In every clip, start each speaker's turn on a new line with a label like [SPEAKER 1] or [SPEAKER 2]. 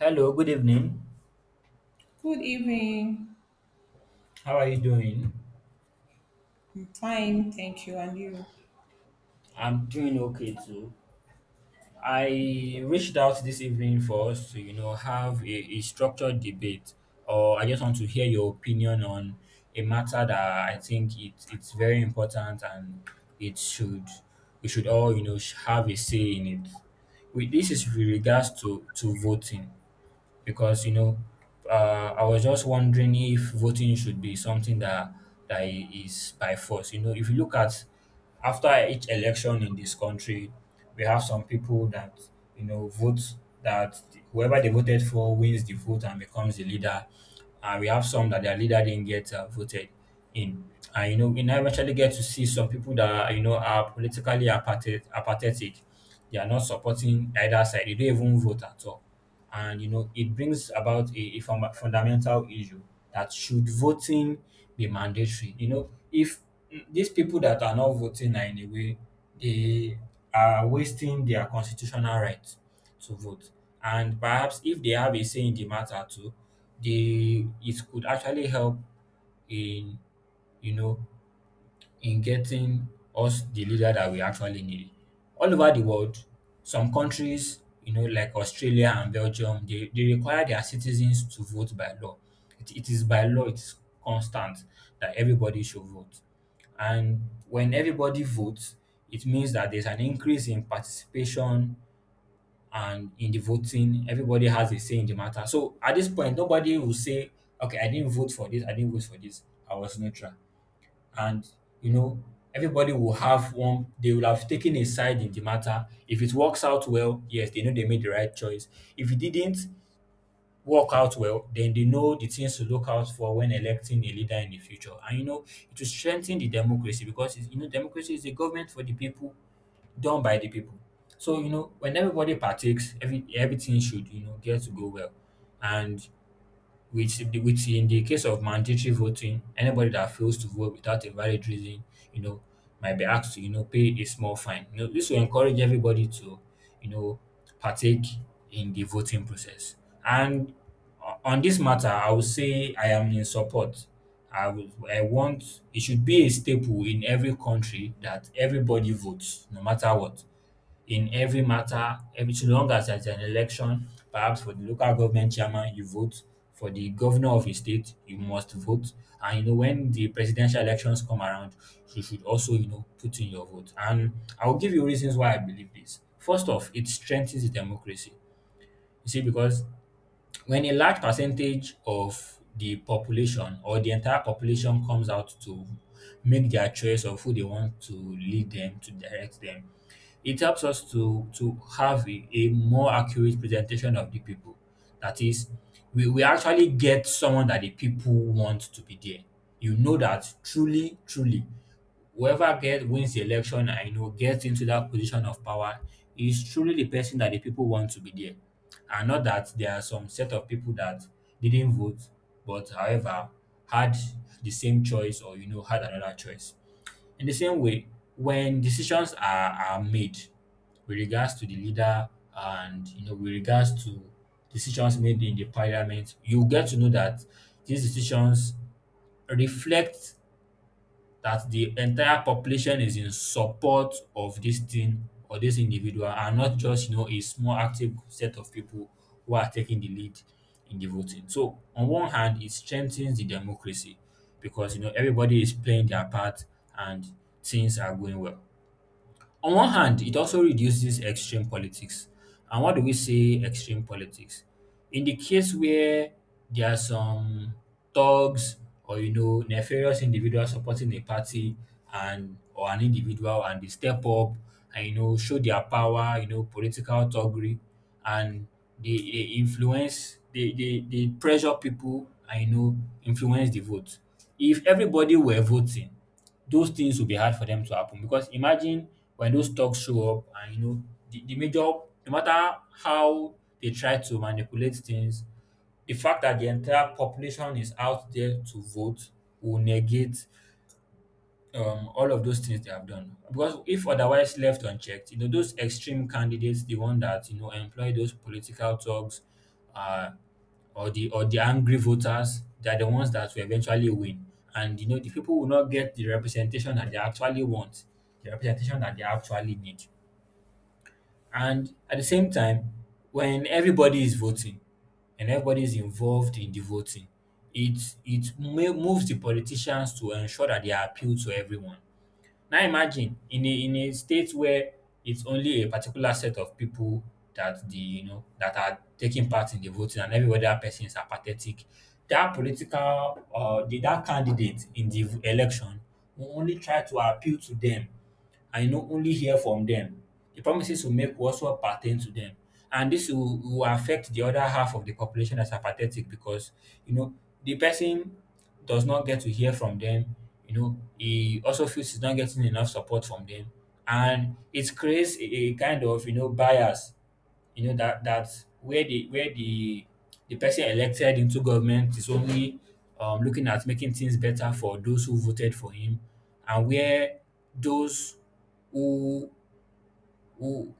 [SPEAKER 1] Hello, good evening.
[SPEAKER 2] Good evening.
[SPEAKER 1] How are you doing?
[SPEAKER 2] I'm fine, thank you. And you?
[SPEAKER 1] I'm doing okay too. I reached out this evening for us to, you know, have a structured debate, or I just want to hear your opinion on a matter that I think it's very important and it should we should all, have a say in it. With this is with regards to voting. Because I was just wondering if voting should be something that is by force. If you look at after each election in this country, we have some people that vote that whoever they voted for wins the vote and becomes the leader, and we have some that their leader didn't get voted in. And we now eventually get to see some people that are, you know are politically apathetic. They are not supporting either side. They don't even vote at all, and it brings about a fundamental issue: that should voting be mandatory if these people that are not voting are in a way they are wasting their constitutional right to vote, and perhaps if they have a say in the matter too, they it could actually help in you know in getting us the leader that we actually need. All over the world, some countries, like Australia and Belgium, they require their citizens to vote by law. It is by law, it's constant that everybody should vote. And when everybody votes, it means that there's an increase in participation and in the voting. Everybody has a say in the matter. So at this point, nobody will say, okay, I didn't vote for this, I didn't vote for this, I was neutral, and you know everybody will have one, they will have taken a side in the matter. If it works out well, yes, they know they made the right choice. If it didn't work out well, then they know the things to look out for when electing a leader in the future, and it will strengthen the democracy, because democracy is a government for the people, done by the people. So when everybody partakes, everything should get to go well. And which in the case of mandatory voting, anybody that fails to vote without a valid reason, you know, might be asked to, pay a small fine. This will encourage everybody to, you know, partake in the voting process. And on this matter, I would say I am in support. I would, I want it should be a staple in every country that everybody votes, no matter what, in every matter, every so long as there's an election. Perhaps for the local government chairman, you vote. For the governor of a state, you must vote. And when the presidential elections come around, you should also, put in your vote. And I'll give you reasons why I believe this. First off, it strengthens the democracy. You see, because when a large percentage of the population or the entire population comes out to make their choice of who they want to lead them, to direct them, it helps us to have a more accurate presentation of the people. That is, we actually get someone that the people want to be there. You know that truly whoever gets wins the election and gets into that position of power is truly the person that the people want to be there, and not that there are some set of people that didn't vote, but however, had the same choice or had another choice. In the same way, when decisions are made with regards to the leader, and with regards to decisions made in the parliament, you get to know that these decisions reflect that the entire population is in support of this thing or this individual, and not just a small active set of people who are taking the lead in the voting. So on one hand, it strengthens the democracy, because everybody is playing their part and things are going well. On one hand, it also reduces extreme politics. And what do we say extreme politics? In the case where there are some thugs or nefarious individuals supporting a party and or an individual, and they step up and show their power, political thuggery, and they influence, they pressure people and influence the vote. If everybody were voting, those things will be hard for them to happen, because imagine when those stocks show up and you know the major no matter how they try to manipulate things, the fact that the entire population is out there to vote will negate all of those things they have done. Because if otherwise left unchecked, those extreme candidates, the one that employ those political thugs, uh, or the angry voters, they are the ones that will eventually win. And the people will not get the representation that they actually want, the representation that they actually need. And at the same time, when everybody is voting and everybody is involved in the voting, it moves the politicians to ensure that they appeal to everyone. Now imagine in a state where it's only a particular set of people that the you know that are taking part in the voting and every other person is apathetic. That candidate in the election will only try to appeal to them. I know only hear from them. The promises you make will also pertain to them. And this will affect the other half of the population that's apathetic, because, you know, the person does not get to hear from them. He also feels he's not getting enough support from them. And it creates a kind of, bias, you know that that where the person elected into government is only looking at making things better for those who voted for him. And where those who who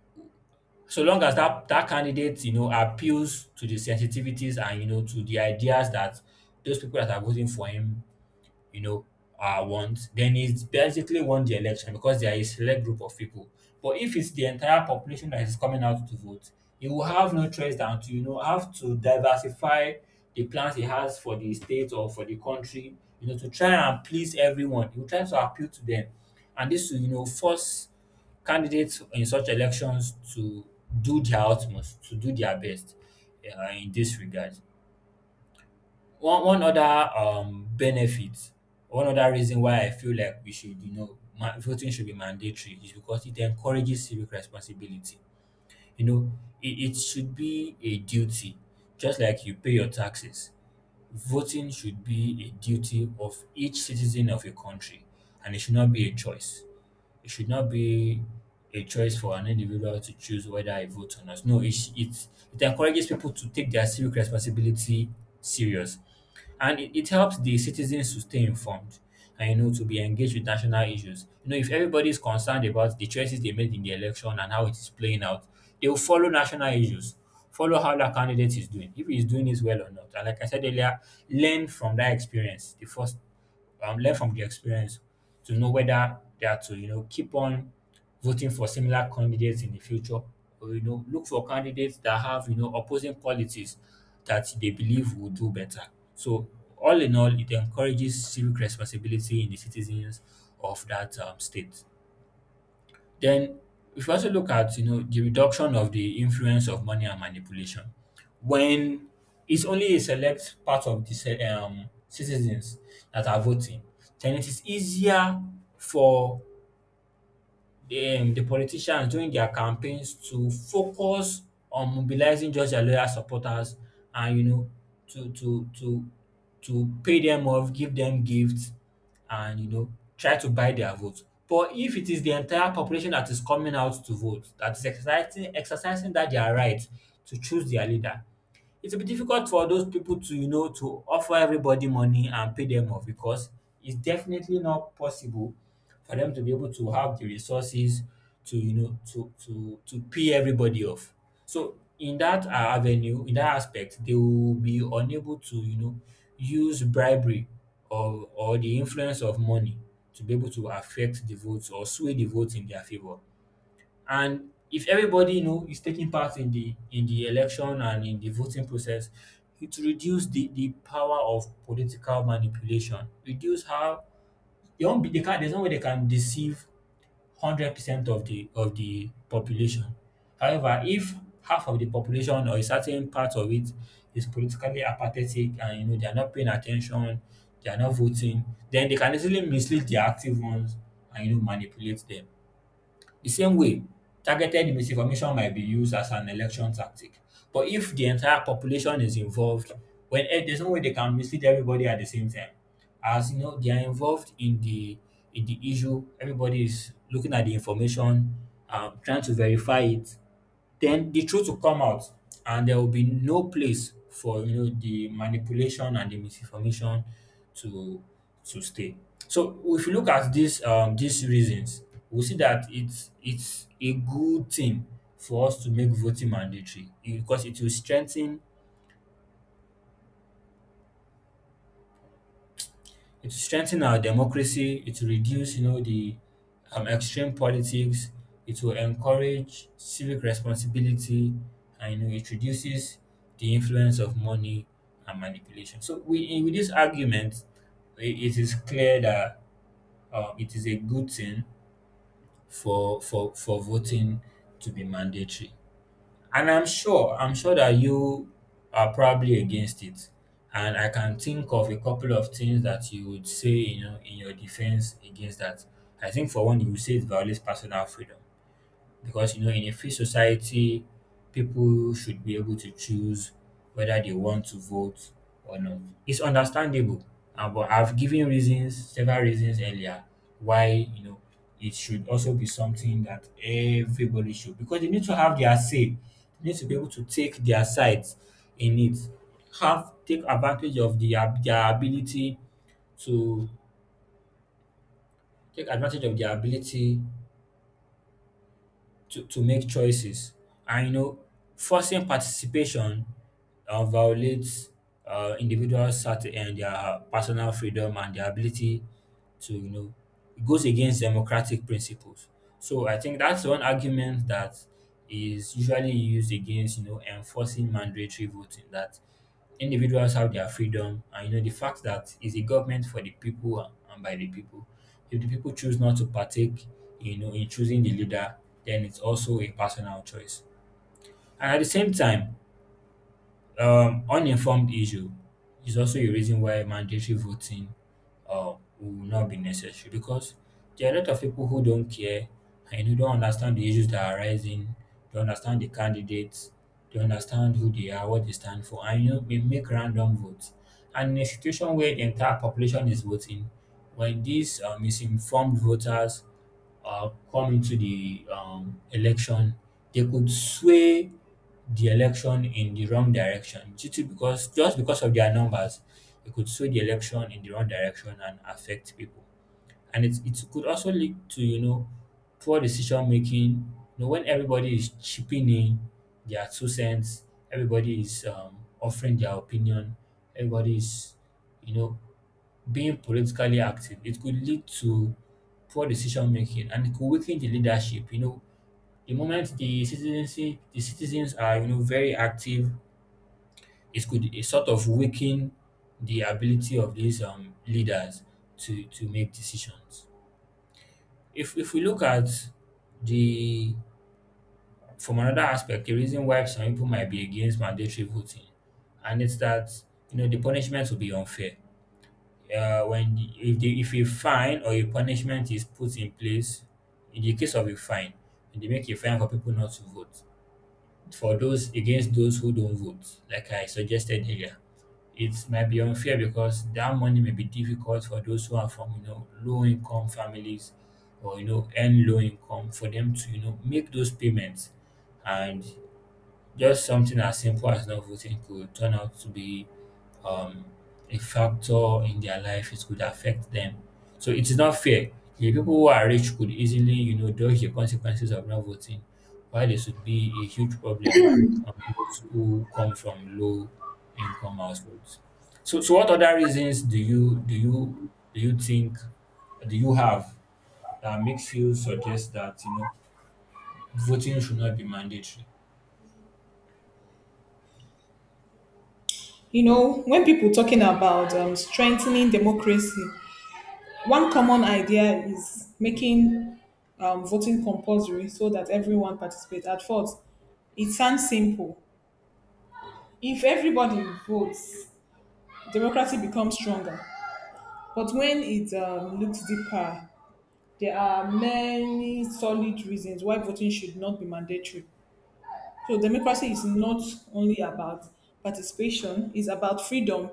[SPEAKER 1] so long as that candidate appeals to the sensitivities and to the ideas that those people that are voting for him you know, want, then it's basically won the election, because there is a select group of people. But if it's the entire population that is coming out to vote, he will have no choice than to, have to diversify the plans he has for the state or for the country, to try and please everyone. He will try to appeal to them. And this will, force candidates in such elections to do their utmost, to do their best in this regard. One other benefit, one other reason why I feel like we should, you know, ma- voting should be mandatory is because it encourages civic responsibility. You know, it should be a duty, just like you pay your taxes. Voting should be a duty of each citizen of a country, and it should not be a choice. It should not be a choice for an individual to choose whether I vote or not. No, it encourages people to take their civic responsibility serious. And it helps the citizens to stay informed and, to be engaged with national issues. If everybody is concerned about the choices they made in the election and how it is playing out, they will follow national issues, follow how that candidate is doing, if he's doing it well or not. And like I said earlier, learn from that experience the first learn from the experience to know whether they are to, keep on voting for similar candidates in the future, or, look for candidates that have, opposing qualities that they believe will do better. So, all in all, it encourages civic responsibility in the citizens of that state. Then if you also look at the reduction of the influence of money and manipulation, when it's only a select part of the citizens that are voting, then it is easier for the politicians during their campaigns to focus on mobilizing just their loyal supporters, and to to to to pay them off, give them gifts, and try to buy their votes. But if it is the entire population that is coming out to vote, that is exercising that their right to choose their leader, it will be difficult for those people to to offer everybody money and pay them off because it's definitely not possible for them to be able to have the resources to pay everybody off. So in that avenue in that aspect, they will be unable to use bribery or the influence of money to be able to affect the votes or sway the votes in their favor. And if everybody, you know, is taking part in the election and in the voting process, it reduce the power of political manipulation. Reduce how they won't be they can't there's no way they can deceive 100% of the population. However, if half of the population or a certain part of it is politically apathetic and you know they are not paying attention, they are not voting, then they can easily mislead the active ones and you know manipulate them. The same way, targeted misinformation might be used as an election tactic. But if the entire population is involved, there's no way they can mislead everybody at the same time. As you know, they are involved in the issue. Everybody is looking at the information, trying to verify it, then the truth will come out and there will be no place for you know the manipulation and the misinformation to stay. So if you look at this these reasons, we see that it's a good thing for us to make voting mandatory, because it will strengthen. It strengthen our democracy, it will reduce, you know, the extreme politics, it will encourage civic responsibility, and you know, it reduces the influence of money and manipulation. So, with this argument, it is clear that it is a good thing for, for voting to be mandatory. And I'm sure that you are probably against it. And I can think of a couple of things that you would say, you know, in your defense against that. I think for one, you would say it violates personal freedom because you know in a free society people should be able to choose whether they want to vote or not. It's understandable. And But I've given reasons several reasons earlier why, you know, it should also be something that everybody should, because they need to have their say, they need to be able to take their sides in it, have to take advantage of their ability to make choices. And you know, forcing participation violates individuals' certain and their personal freedom and their ability to, you know, it goes against democratic principles. So I think that's one argument that is usually used against you know enforcing mandatory voting, that individuals have their freedom and you know the fact that it's a government for the people and by the people. If the people choose not to partake, you know, in choosing the leader, then it's also a personal choice. And at the same time, uninformed issue is also a reason why mandatory voting will not be necessary, because there are a lot of people who don't care and who don't understand the issues that are arising, they understand the candidates, they understand who they are, what they stand for, and you know, they make random votes. And in a situation where the entire population is voting, when these misinformed voters come into the election, they could sway the election in the wrong direction due to because just because of their numbers, it could sway the election in the wrong direction and affect people. And it could also lead to, you know, poor decision making. You know, when everybody is chipping in their two cents, everybody is offering their opinion, everybody is, you know, being politically active, it could lead to poor decision making and it could weaken the leadership. You know, the moment the citizens are you know very active, it sort of weaken the ability of these leaders to make decisions. If we look at the from another aspect, the reason why some people might be against mandatory voting, and it's that you know the punishment will be unfair when the, if a fine or a punishment is put in place, in the case of a fine, they make a fine for people not to vote. For those against those who don't vote, like I suggested earlier, it might be unfair because that money may be difficult for those who are from you know low income families or you know earn low income for them to you know make those payments, and just something as simple as not voting could turn out to be um, a factor in their life. It could affect them. So it is not fair. The people who are rich could easily, you know, dodge the consequences of not voting, while it should be a huge problem on those who come from low income households. So, what other reasons do you think do you have that makes you suggest that you know voting should not be mandatory?
[SPEAKER 2] You know, when people talking about strengthening democracy, one common idea is making voting compulsory so that everyone participates. At first, it sounds simple. If everybody votes, democracy becomes stronger. But when it looks deeper, there are many solid reasons why voting should not be mandatory. So democracy is not only about participation, it's about freedom,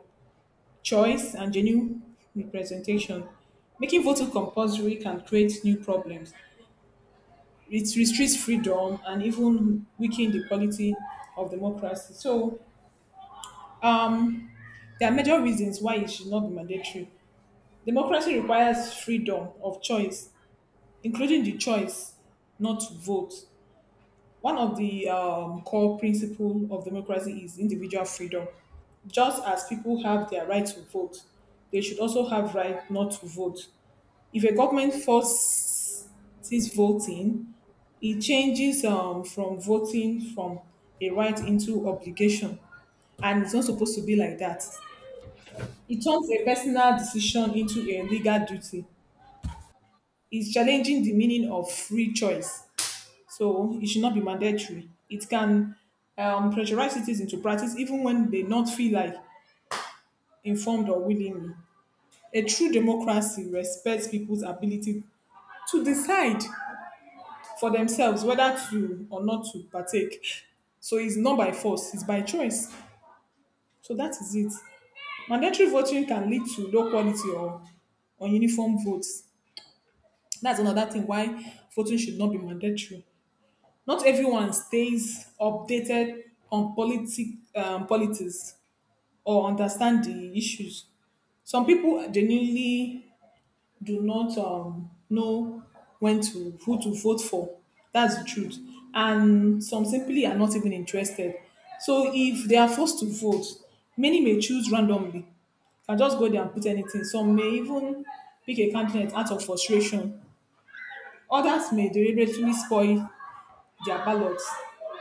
[SPEAKER 2] choice, and genuine representation. Making voting compulsory can create new problems. It restricts freedom and even weaken the quality of democracy. So um, there are major reasons why it should not be mandatory. Democracy requires freedom of choice, including the choice not to vote. One of the core principles of democracy is individual freedom. Just as people have their right to vote, they should also have right not to vote. If a government forces voting, it changes from voting from a right into obligation, and it's not supposed to be like that. It turns a personal decision into a legal duty. It's challenging the meaning of free choice. So it should not be mandatory. It can pressurize citizens into practice even when they not feel like informed or willingly. A true democracy respects people's ability to decide for themselves whether to or not to partake. So it's not by force, it's by choice. So that is it. Mandatory voting can lead to low quality or uniform votes. That's another thing why voting should not be mandatory. Not everyone stays updated on politics or understand the issues. Some people genuinely do not know when to who to vote for. That's the truth. And some simply are not even interested. So if they are forced to vote, many may choose randomly. Can just go there and put anything. Some may even pick a candidate out of frustration. Others may deliberately spoil their ballots.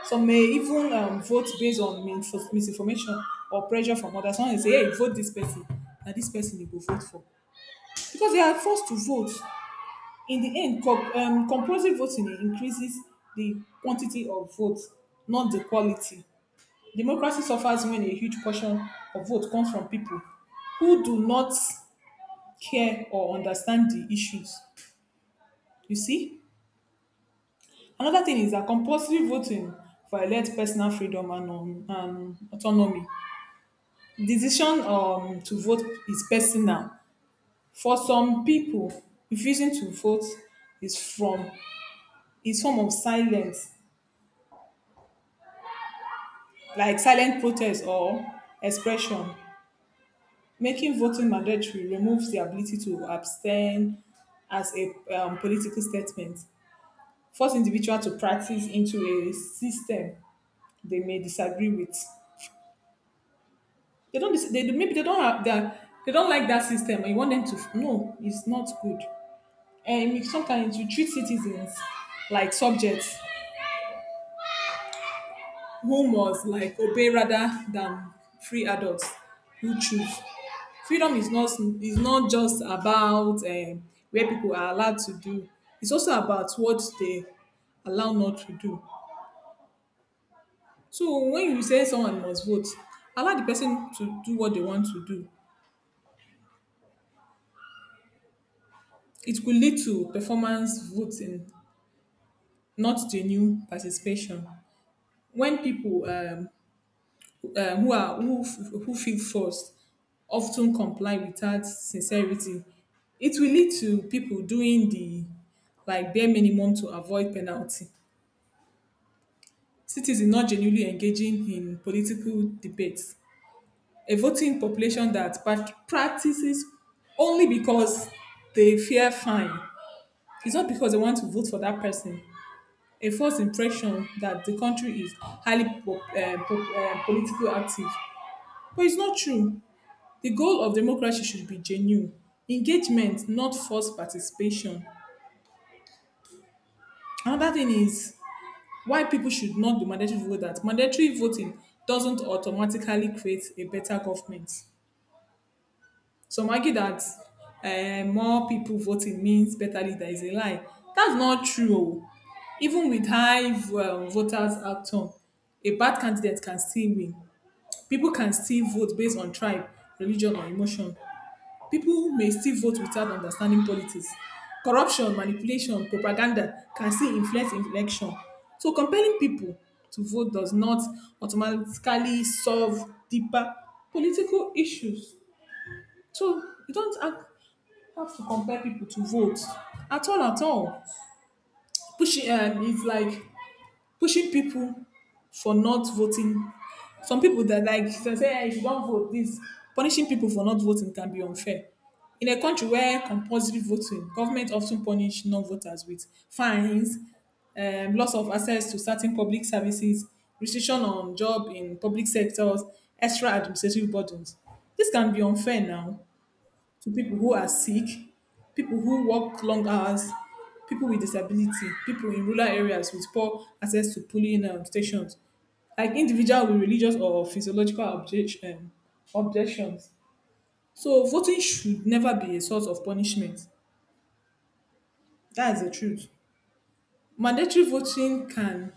[SPEAKER 2] Some may even vote based on misinformation or pressure from others. Someone will say, hey, vote this person. And this person you go vote for. Because they are forced to vote. In the end, compulsory voting increases the quantity of votes, not the quality. Democracy suffers when a huge portion of vote comes from people who do not care or understand the issues. You see? Another thing is that compulsory voting violates personal freedom and autonomy. Decision to vote is personal. For some people, refusing to vote is from is form of silence, like silent protest or expression. Making voting mandatory removes the ability to abstain as a political statement, force individual to practice into a system they may disagree with. They don't. They maybe they don't have that. They don't like that system. And You want them to no. It's not good. Sometimes you treat citizens like subjects who must like obey rather than free adults who choose. Freedom is not just about where people are allowed to do. It's also about what they allow not to do. So when you say someone must vote, allow the person to do what they want to do. It could lead to performance voting not the new participation. When people who are who, f- who feel forced often comply without sincerity, it will lead to people doing the like bare minimum to avoid penalty. Citizens not genuinely engaging in political debates. A voting population that practices only because they fear fine. It's not because they want to vote for that person. A false impression that the country is highly politically active. But it's not true. The goal of democracy should be genuine engagement, not forced participation. Another thing is why people should not do mandatory vote, that mandatory voting doesn't automatically create a better government. Some argue that more people voting means better leader is a lie. That's not true. Oh. Even with high voters outcome, a bad candidate can still win. People can still vote based on tribe, religion, or emotion. People may still vote without understanding politics. Corruption, manipulation, propaganda can still influence election. So compelling people to vote does not automatically solve deeper political issues. So you don't act, have to compel people to vote at all, at all. Pushing, it's like pushing people for not voting. Some people that like they say, "Eh, if you don't vote this," punishing people for not voting can be unfair. In a country where compulsory voting, government often punish non-voters with fines, loss of access to certain public services, restriction on job in public sectors, extra administrative burdens. This can be unfair now to people who are sick, people who work long hours, people with disability, people in rural areas with poor access to polling stations, like individual with religious or physiological objections. So voting should never be a source of punishment. That is the truth. Mandatory voting can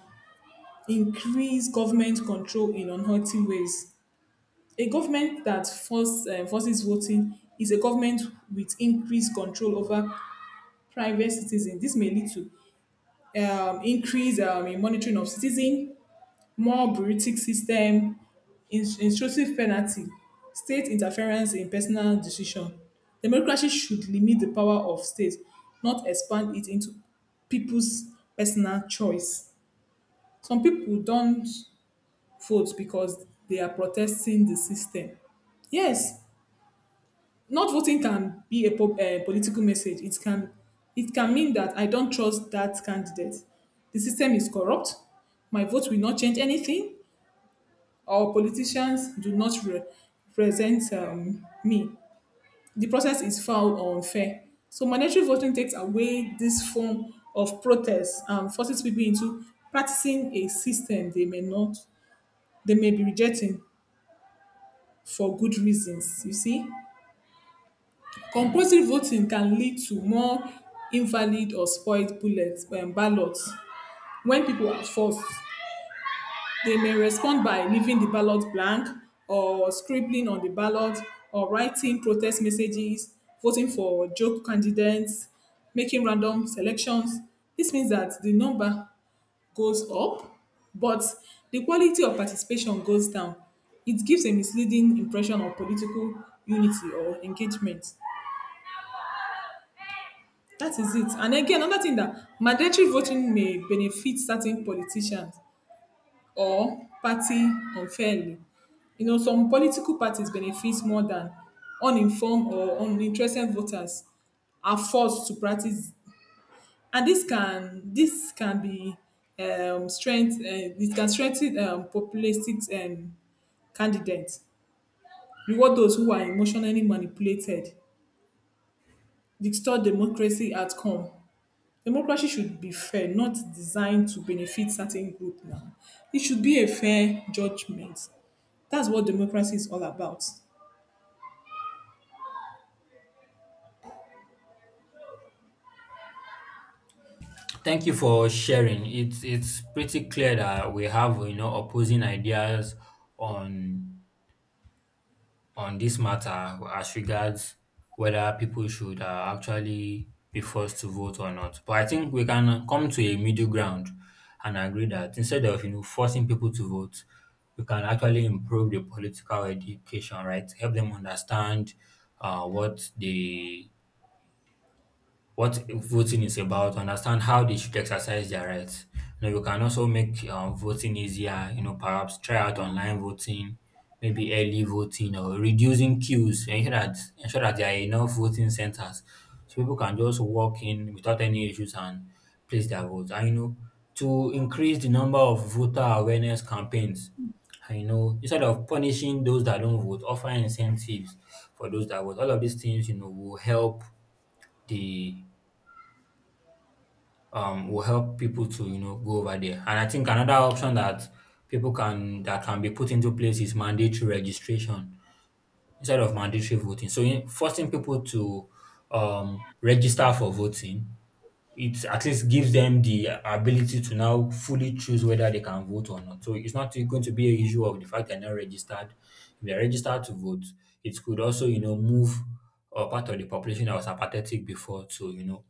[SPEAKER 2] increase government control in unhealthy ways. A government that forces voting is a government with increased control over private citizens. This may lead to increase in monitoring of citizen, more bureaucratic system, intrusive penalty, state interference in personal decision. Democracy should limit the power of state, not expand it into people's personal choice. Some people don't vote because they are protesting the system. Yes, not voting can be a political message. It can mean that I don't trust that candidate. The system is corrupt. My vote will not change anything. Our politicians do not represent me. The process is foul or unfair. So mandatory voting takes away this form of protest and forces people into practicing a system they may not, they may be rejecting for good reasons. You see. Compulsory voting can lead to more invalid or spoiled bullet ballots when people are forced. They may respond by leaving the ballot blank or scribbling on the ballot or writing protest messages, voting for joke candidates, making random selections. This means that the number goes up, but the quality of participation goes down. It gives a misleading impression of political unity or engagement. That is it. And again, another thing that mandatory voting may benefit certain politicians or party unfairly. You know, some political parties benefit more than uninformed or uninterested voters are forced to practice, and this can be strength. It can strengthen populistic candidates, reward those who are emotionally manipulated, distort democracy outcome. Democracy should be fair, not designed to benefit certain group now. It should be a fair judgment. That's what democracy is all about.
[SPEAKER 1] Thank you for sharing. It's pretty clear that we have you know opposing ideas on this matter as regards whether people should actually be forced to vote or not. But I think we can come to a middle ground and agree that instead of you know forcing people to vote, we can actually improve the political education, right? Help them understand uh, what they what voting is about, understand how they should exercise their rights. You know, you can also make voting easier, you know, perhaps try out online voting, maybe early voting or reducing queues, ensure that there are enough voting centers so people can just walk in without any issues and place their votes. And you know, to increase the number of voter awareness campaigns, and you know, instead of punishing those that don't vote, offer incentives for those that vote. All of these things, you know, will help the will help people to you know go over there. And I think another option that people can that can be put into place is mandatory registration instead of mandatory voting. So forcing people to register for voting, it at least gives them the ability to now fully choose whether they can vote or not. So it's not going to be a issue of the fact they're not registered. If they're registered to vote, it could also, you know, move a part of the population that was apathetic before to, you know,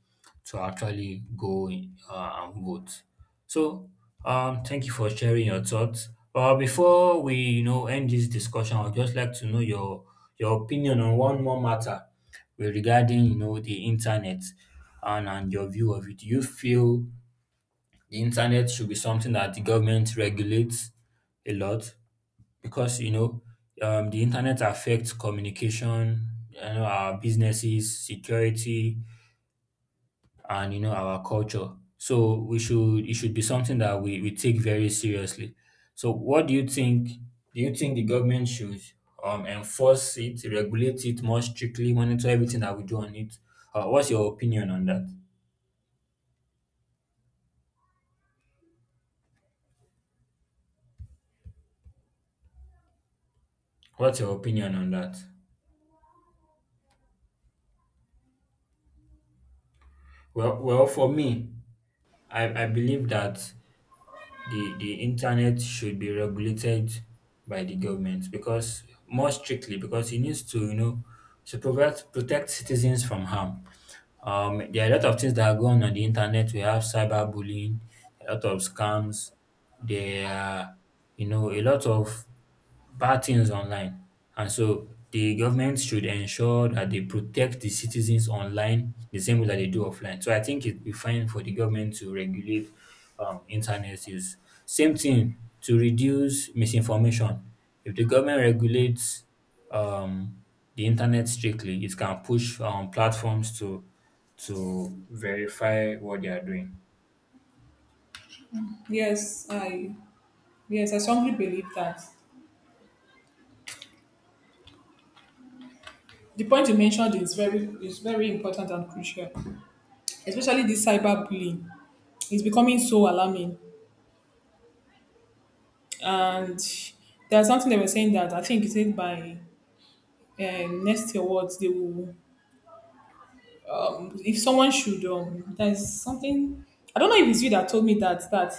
[SPEAKER 1] to actually go in, and vote. So thank you for sharing your thoughts. Before we, you know, end this discussion, I'd just like to know your opinion on one more matter. Well, regarding you know the internet and your view of it. Do you feel the internet should be something that the government regulates a lot? Because you know the internet affects communication, you know, our businesses, security, and you know our culture. So we should it should be something that we take very seriously. So what do you think? Do you think the government should enforce it, regulate it more strictly, monitor everything that we do on it? What's your opinion on that? What's your opinion on that? Well, for me, I believe that the internet should be regulated by the government because more strictly, because it needs to you know to provide protect citizens from harm. There are a lot of things that are going on the internet. We have cyberbullying, a lot of scams. There are, you know, a lot of bad things online. And so the government should ensure that they protect the citizens online the same way that they do offline. So I think it'd be fine for the government to regulate internet use. Same thing to reduce misinformation. If the government regulates um, the internet strictly, it can push platforms to verify what they are doing.
[SPEAKER 2] Yes, I yes, I strongly believe that. The point you mentioned is very important and crucial. Especially this cyberbullying. It's becoming so alarming. And there's something they were saying that I think it's said by next year awards they will, if someone should there's something, I don't know if it's you that told me that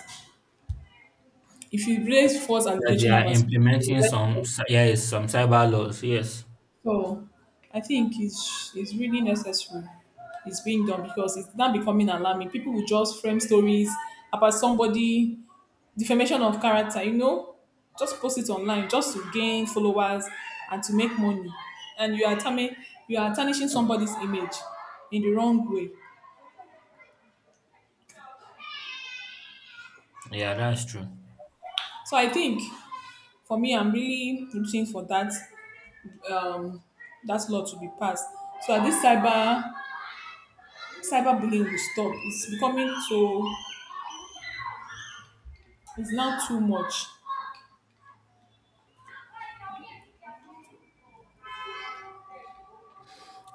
[SPEAKER 2] if you raise false
[SPEAKER 1] That they
[SPEAKER 2] allegation
[SPEAKER 1] are
[SPEAKER 2] about someone, you'll
[SPEAKER 1] implementing
[SPEAKER 2] be
[SPEAKER 1] some
[SPEAKER 2] arrested.
[SPEAKER 1] yes some cyber laws. Yes,
[SPEAKER 2] So I think it's really necessary. It's being done because it's now becoming alarming. People will just frame stories about somebody, defamation of character, you know, just post it online just to gain followers and to make money. And you are tarnishing somebody's image in the wrong way.
[SPEAKER 1] yeah, that's true.
[SPEAKER 2] So I think for me, I'm really looking for that um, that law to be passed so that this cyberbullying will stop. It's becoming too, it's now too much.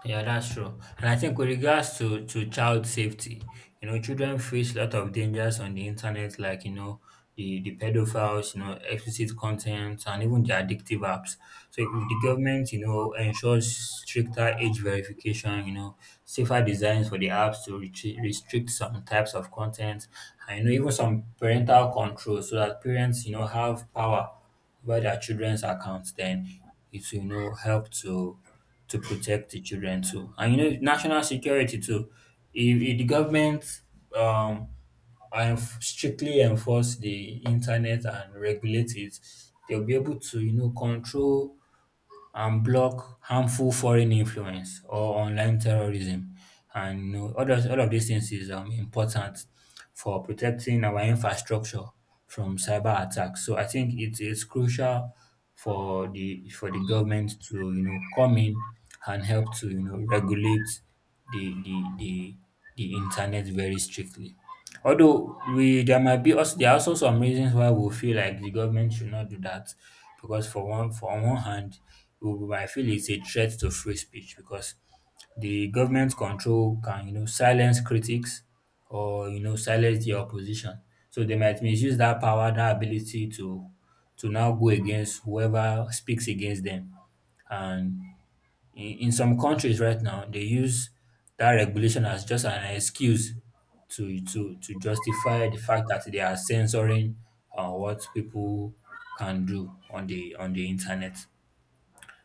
[SPEAKER 1] Yeah, that's true. And I think with regards to child safety, you know, children face a lot of dangers on the internet, like, you know, the pedophiles, you know, explicit content, and even the addictive apps. So if the government, you know, ensures stricter age verification, you know, safer designs for the apps to restrict some types of content, and, you know, even some parental control so that parents, you know, have power over their children's accounts, then it will, you know, help to protect the children too. And you know, national security too. If the government um and strictly enforce the internet and regulate it, they'll be able to control and block harmful foreign influence or online terrorism. And all of these things is important for protecting our infrastructure from cyber attacks. So I think it is crucial for the government to come in and help to regulate the the the, the internet very strictly. Although we there might be also there are also some reasons why we feel like the government should not do that, because for one for on one hand, who I feel it's a threat to free speech, because the government control can silence critics or silence the opposition. So they might misuse that power, that ability to now go against whoever speaks against them. And in some countries right now, they use that regulation as just an excuse to justify the fact that they are censoring what people can do on the internet.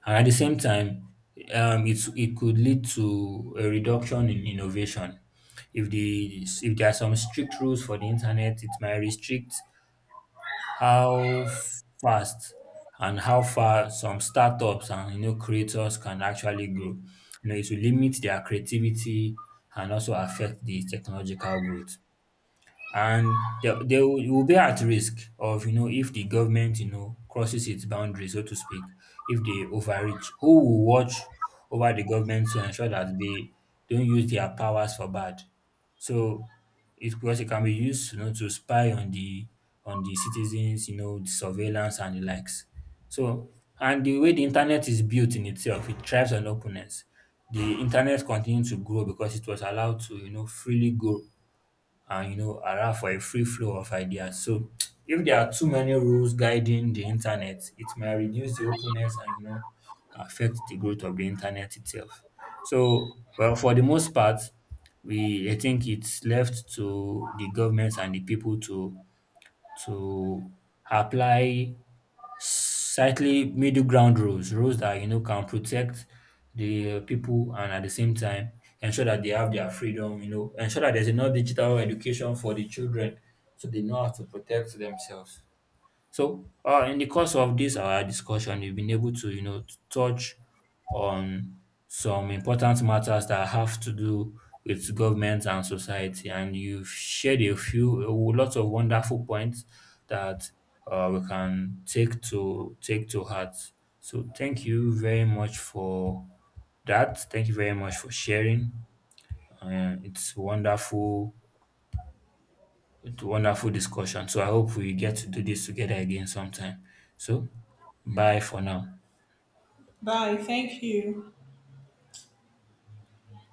[SPEAKER 1] And at the same time, it could lead to a reduction in innovation. If there are some strict rules for the internet, it might restrict how fast and how far some startups and creators can actually grow. It will limit their creativity and also affect the technological growth, and they will you will be at risk of, if the government crosses its boundaries, so to speak. If they overreach, who will watch over the government to ensure that they don't use their powers for bad? So it because it can be used, to spy on the citizens, the surveillance and the likes. So, and the way the internet is built in itself, it thrives on openness. The internet continued to grow because it was allowed to, freely go and allow for a free flow of ideas. So if there are too many rules guiding the internet, it might reduce the openness and affect the growth of the internet itself. So, well, for the most part, we I think it's left to the governments and the people to apply slightly middle ground rules, that can protect the people, and at the same time ensure that they have their freedom, ensure that there's enough digital education for the children so they know how to protect themselves. So, in the course of this our discussion, we've been able to, touch on some important matters that have to do with government and society, and you've shared a lot of wonderful points that, we can take to heart. So, thank you very much for that. Thank you very much for sharing. Uh, it's wonderful it's a wonderful discussion. So I hope we get to do this together again sometime. So bye for now.
[SPEAKER 2] Bye. Thank you.